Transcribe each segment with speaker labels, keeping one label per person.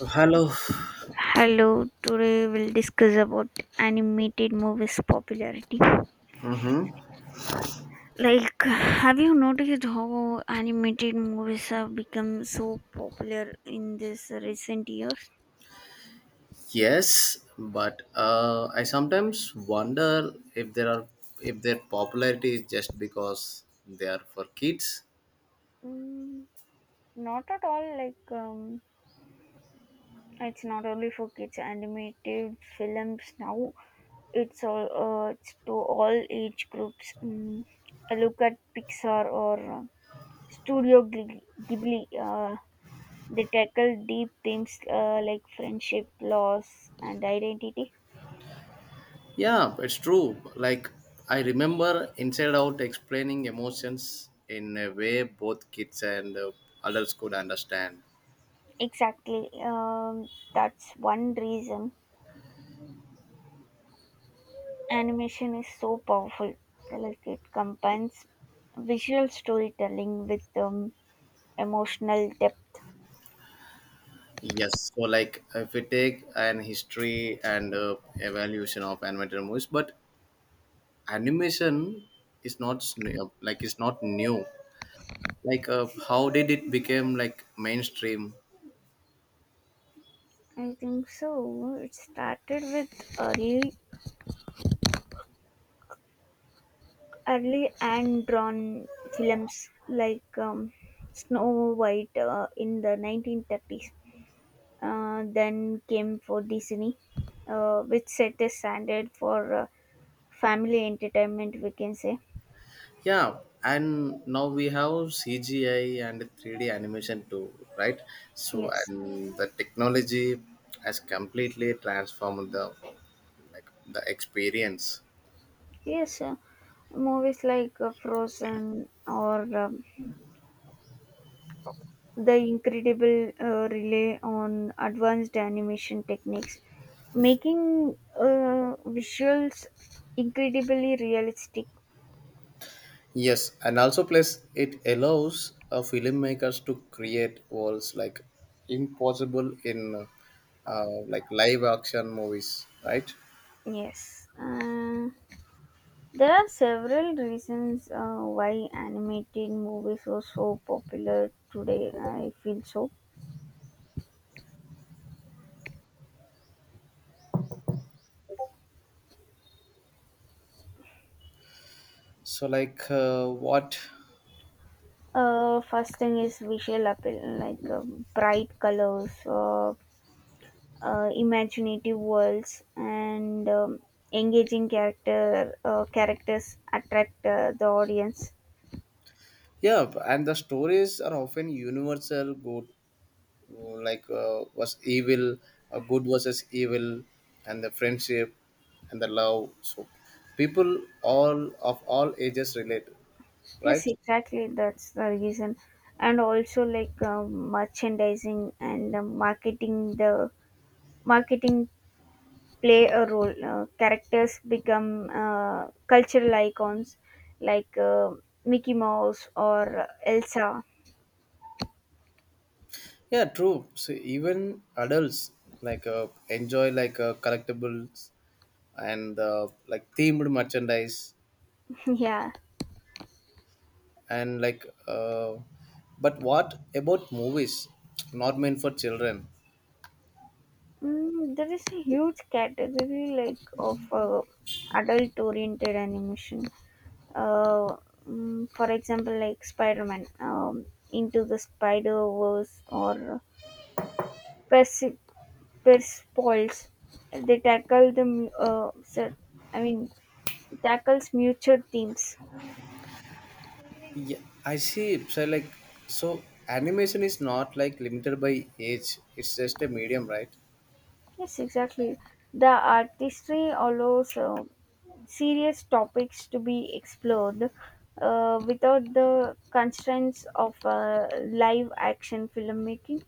Speaker 1: Hello.
Speaker 2: Hello, today we'll discuss about animated movies popularity.
Speaker 1: Mhm.
Speaker 2: Like, have you noticed how animated movies have become so popular in this recent years?
Speaker 1: Yes, but I sometimes wonder if there are if their popularity is just because they are for kids.
Speaker 2: Mm, not at all. Like, it's not only for kids. Animated films now. It's all. It's to all age groups. Mm, look at Pixar or Studio Ghibli. Ghibli. They tackle deep themes like friendship, loss, and identity.
Speaker 1: Yeah, it's true. Like I remember Inside Out explaining emotions in a way both kids and adults could understand.
Speaker 2: Exactly. That's one reason animation is so powerful. Like it combines visual storytelling with emotional depth.
Speaker 1: Yes, so like if we take an history and evaluation of animated movies, but animation is not s- new- like it's not new. Like how did it become like mainstream?
Speaker 2: I think so. It started with early and drawn films like Snow White in the 1930s. Then came for Disney, which set the standard for family entertainment, we can say.
Speaker 1: Yeah, and now we have cgi and 3D animation too, right? So
Speaker 2: Yes.
Speaker 1: and the technology has completely transformed the like the experience.
Speaker 2: Yes. Movies like Frozen or The Incredible Relay on advanced animation techniques, making visuals incredibly realistic.
Speaker 1: Yes, and also plus it allows filmmakers to create worlds like impossible in like live action movies, right?
Speaker 2: Yes. There are several reasons why animated movies are so popular today. I feel so.
Speaker 1: So like what?
Speaker 2: First thing is visual appeal, like bright colors, imaginative worlds, and engaging characters attract the audience.
Speaker 1: Yeah, and the stories are often universal good, mm, like uh, was evil, good versus evil, and the friendship and the love. So people all of all ages relate, right?
Speaker 2: Yes, exactly. That's the reason, and also like merchandising and marketing play a role. Characters become cultural icons like Mickey Mouse or Elsa.
Speaker 1: Yeah, true. So even adults like enjoy like collectibles and like themed merchandise
Speaker 2: Yeah,
Speaker 1: and but what about movies? Not meant for children.
Speaker 2: mm, there is a huge category like of adult-oriented animation. Uh, for example, like Spider-Man, Into the Spider-Verse, or Persi- Persepolis. They tackle the I mean tackles mutual themes.
Speaker 1: Yeah, I see. So animation is not like limited by age. It's just a medium, right?
Speaker 2: Yes, exactly. The artistry allows serious topics to be explored without the constraints of live action filmmaking.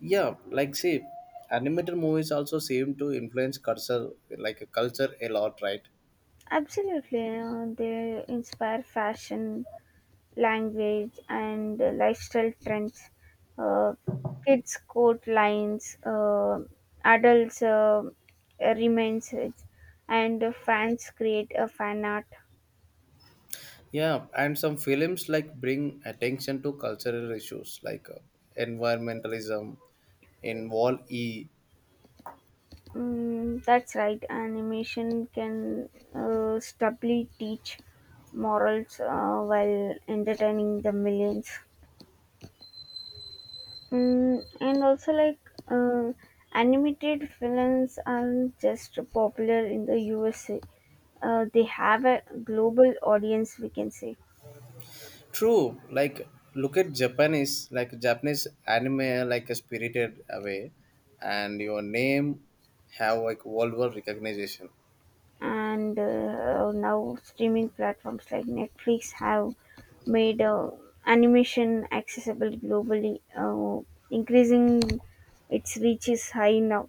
Speaker 1: Yeah, like see, animated movies also seem to influence culture, like culture a lot, right?
Speaker 2: Absolutely, they inspire fashion, language, and lifestyle trends. Uh, kids coat lines, adults remains, and fans create a fan art.
Speaker 1: Yeah, and some films like bring attention to cultural issues like environmentalism in Wall E.
Speaker 2: Mm, that's right. Animation can stably teach morals while entertaining the millions. Mm, and also, like, uh, animated films aren't just popular in the USA, they have a global audience, we can say.
Speaker 1: True, like look at Japanese, like Japanese anime, like a Spirited Away, and your name have like worldwide recognition.
Speaker 2: And now streaming platforms like Netflix have made animation accessible globally, increasing its reach is high now.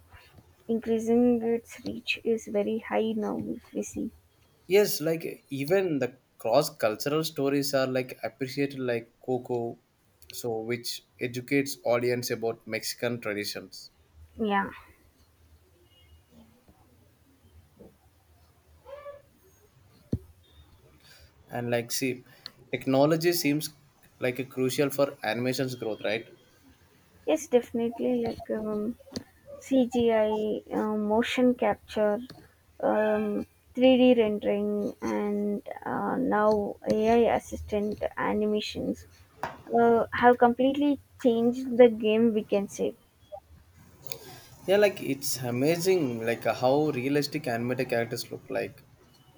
Speaker 2: Increasing its reach is very high now. If we see,
Speaker 1: Yes, like even the cross-cultural stories are like appreciated, like Coco, so which educates audience about Mexican traditions.
Speaker 2: yeah,
Speaker 1: And like, see, technology seems like a crucial for animation's growth, right?
Speaker 2: yes, definitely like CGI, motion capture, um, 3D rendering, and now AI assistant animations have completely changed the game, we can say.
Speaker 1: Yeah, like it's amazing, like how realistic animated characters look like.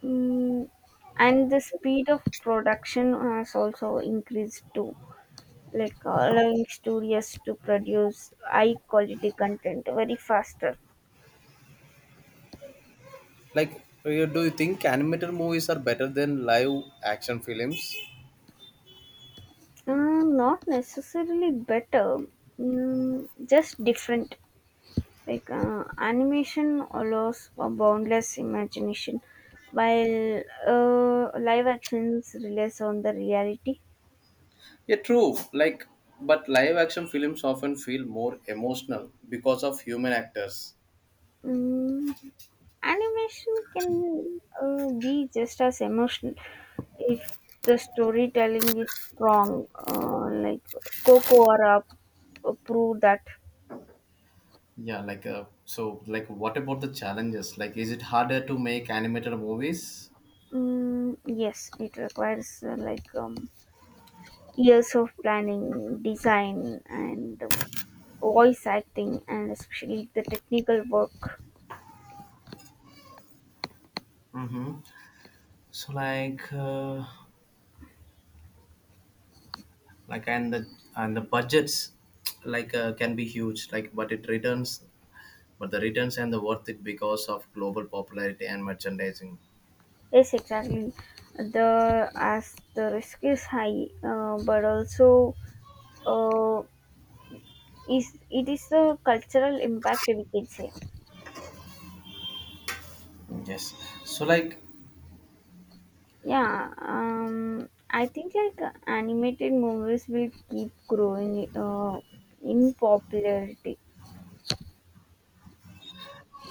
Speaker 2: Mm, and the speed of production has also increased too, like allowing studios to produce high quality content very faster.
Speaker 1: Like, do you think animated movies are better than live action films?
Speaker 2: Uh, not necessarily better, mm, just different. Like animation allows a boundless imagination, while live actions relies on the reality.
Speaker 1: Yeah, true. Like, but live action films often feel more emotional because of human actors.
Speaker 2: Mm, animation can be just as emotional if the storytelling is strong, like Coco or Up prove that.
Speaker 1: Yeah, like so, like what about the challenges? Like, is it harder to make animated movies?
Speaker 2: Mm, yes, it requires years of planning, design, and voice acting, and especially the technical work.
Speaker 1: So like and the budgets like can be huge, like but it returns but the returns and the worth it because of global popularity and merchandising.
Speaker 2: Yes, exactly. The as the risk is high, but also uh, is it is a cultural impact, we can say.
Speaker 1: Yes. So, like,
Speaker 2: Yeah, I think like animated movies will keep growing in popularity,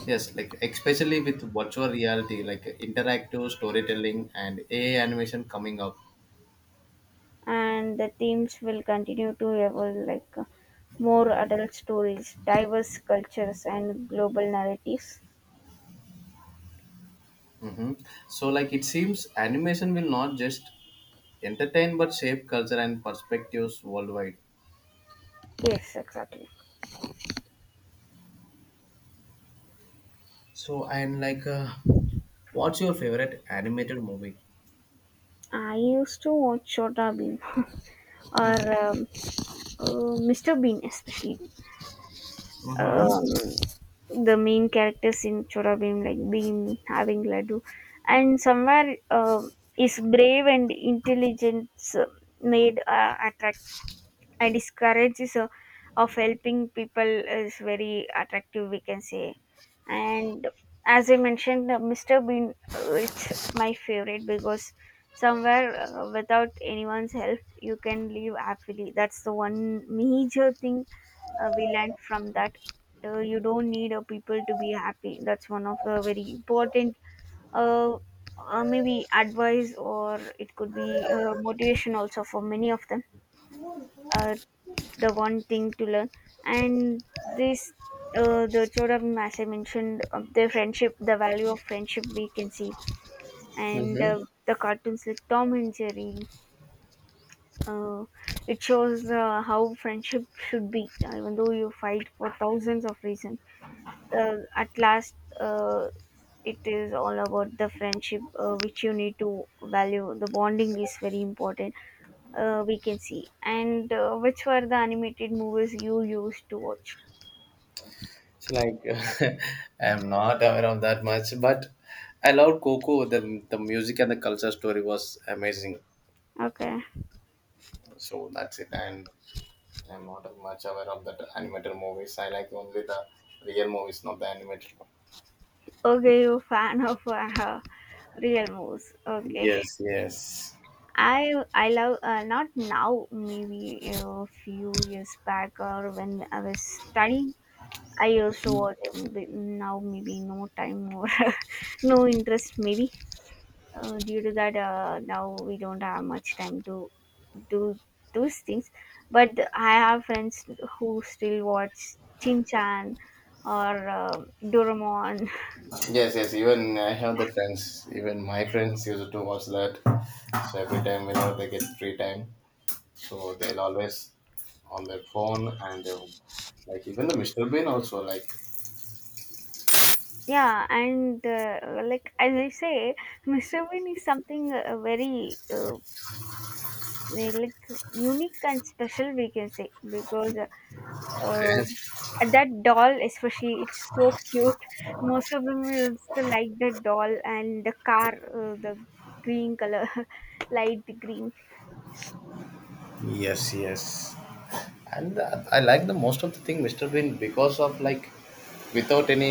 Speaker 1: yes, like especially with virtual reality, like interactive storytelling and AI animation coming up.
Speaker 2: and the themes will continue to evolve like more adult stories, diverse cultures and global narratives.
Speaker 1: Hmm. So, like it seems animation will not just entertain but shape culture and perspectives worldwide.
Speaker 2: Yes, exactly.
Speaker 1: So, and like, what's your favorite animated movie?
Speaker 2: I used to watch Chota Bean or
Speaker 1: Mm-hmm.
Speaker 2: um, mr bean especially.
Speaker 1: Mm-hmm.
Speaker 2: um, the main characters in Chora Bheem, like Bheem having Ladu, and somewhere is brave and intelligence made attractive, and his courage is of helping people is very attractive, we can say. And as I mentioned, mr bean, it's my favorite because somewhere without anyone's help you can live happily. That's the one major thing we learned from that. You don't need people to be happy. That's one of the very important uh, maybe advice, or it could be motivation also for many of them. uh, the one thing to learn. And this, the Chodam, as I mentioned, the friendship, the value of friendship we can see, and the cartoons like Tom and Jerry, uh, it shows how friendship should be, even though you fight for thousands of reasons. At last, it is all about the friendship which you need to value. The bonding is very important. We can see. And which were the animated movies you used to watch?
Speaker 1: So like I'm not aware of that much, but I loved Coco. The music and the culture story was amazing.
Speaker 2: Okay.
Speaker 1: So that's it. And I'm not much aware of that animated movies. I like only the real movies, not the animated one.
Speaker 2: Okay, you fan of real moves. Okay.
Speaker 1: Yes, yes.
Speaker 2: I love, not now, maybe a few years back or when I was studying I used to watch him, but now maybe no time or no interest maybe due to that. Now we don't have much time to do those things, but I have friends who still watch Chin Chan or Doraemon.
Speaker 1: Yes, yes. Even I have the friends. Even my friends used to watch that. So every time whenever they get free time, so they'll always on their phone and they will- like even the Mr. Bean also like.
Speaker 2: Yeah, and like as I say, Mr. Bean is something very, like unique and special, we can say, because uh, that doll especially, it's so cute. Most of them will still like the doll and the car, the green color, light green.
Speaker 1: Yes, yes. And I like the most of the thing mr bean because of like without any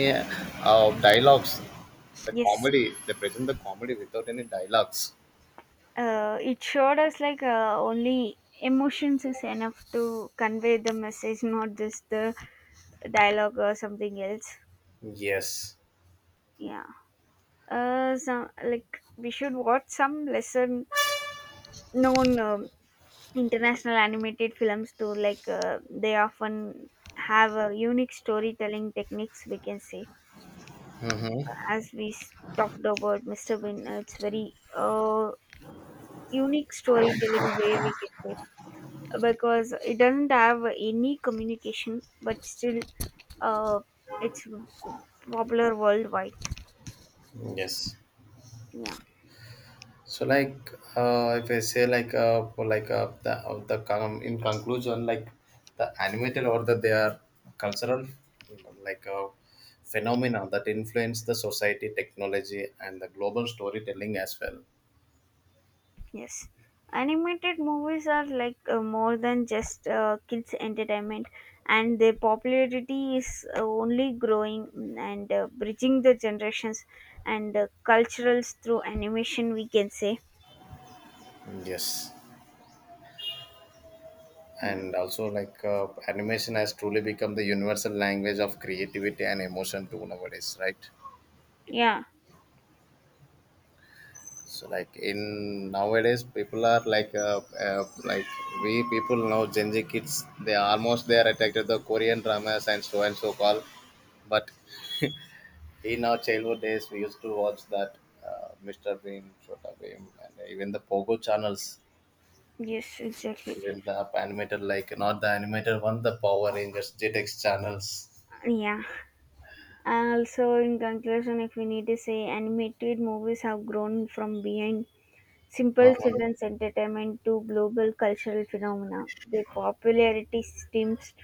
Speaker 1: dialogues the
Speaker 2: Yes,
Speaker 1: comedy they present the comedy without any dialogues.
Speaker 2: it showed us like only emotions is enough to convey the message, not just the dialogue or something else.
Speaker 1: Yes,
Speaker 2: Yeah. Some, like, we should watch some lesser known international animated films too. Like they often have a unique storytelling techniques. We can say, as we talked about Mr. Bean, it's very unique storytelling way, we can say, because it doesn't have any communication, but still uh it's popular worldwide.
Speaker 1: yes,
Speaker 2: Yeah.
Speaker 1: so like if I say like for like the con- in conclusion like the animated or the their cultural like phenomena that influence the society technology and the global storytelling as well.
Speaker 2: Yes, animated movies are like more than just kids' entertainment, and their popularity is only growing, mm, and bridging the generations and culturals through animation. We can say.
Speaker 1: Yes.
Speaker 2: Yeah,
Speaker 1: And also like animation has truly become the universal language of creativity and emotion too nowadays, right?
Speaker 2: yeah,
Speaker 1: So like in nowadays people are like we people know gen z kids they are almost they are attracted to korean dramas and so called, but in our childhood days we used to watch that mr bean, Chota Bean, and even the pogo channels,
Speaker 2: yes, exactly,
Speaker 1: even the animated like not the animated one, the power rangers jetix channels.
Speaker 2: yeah. Also, in conclusion, if we need to say, animated movies have grown from behind simple
Speaker 1: Uh-huh.
Speaker 2: children's entertainment to global cultural phenomena. Their popularity stems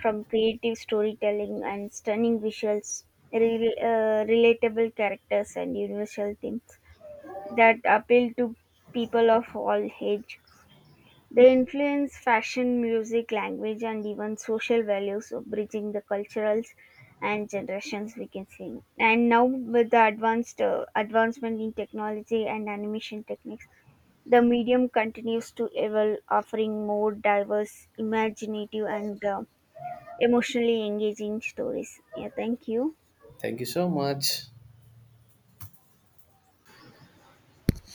Speaker 2: from creative storytelling and stunning visuals, relatable characters, and universal themes that appeal to people of all age. They influence fashion, music, language, and even social values, bridging the culturals and generations we can see. And now with the advanced advancement in technology and animation techniques, the medium continues to evolve, offering more diverse, imaginative, and emotionally engaging stories. Yeah, thank you.
Speaker 1: Thank you so much.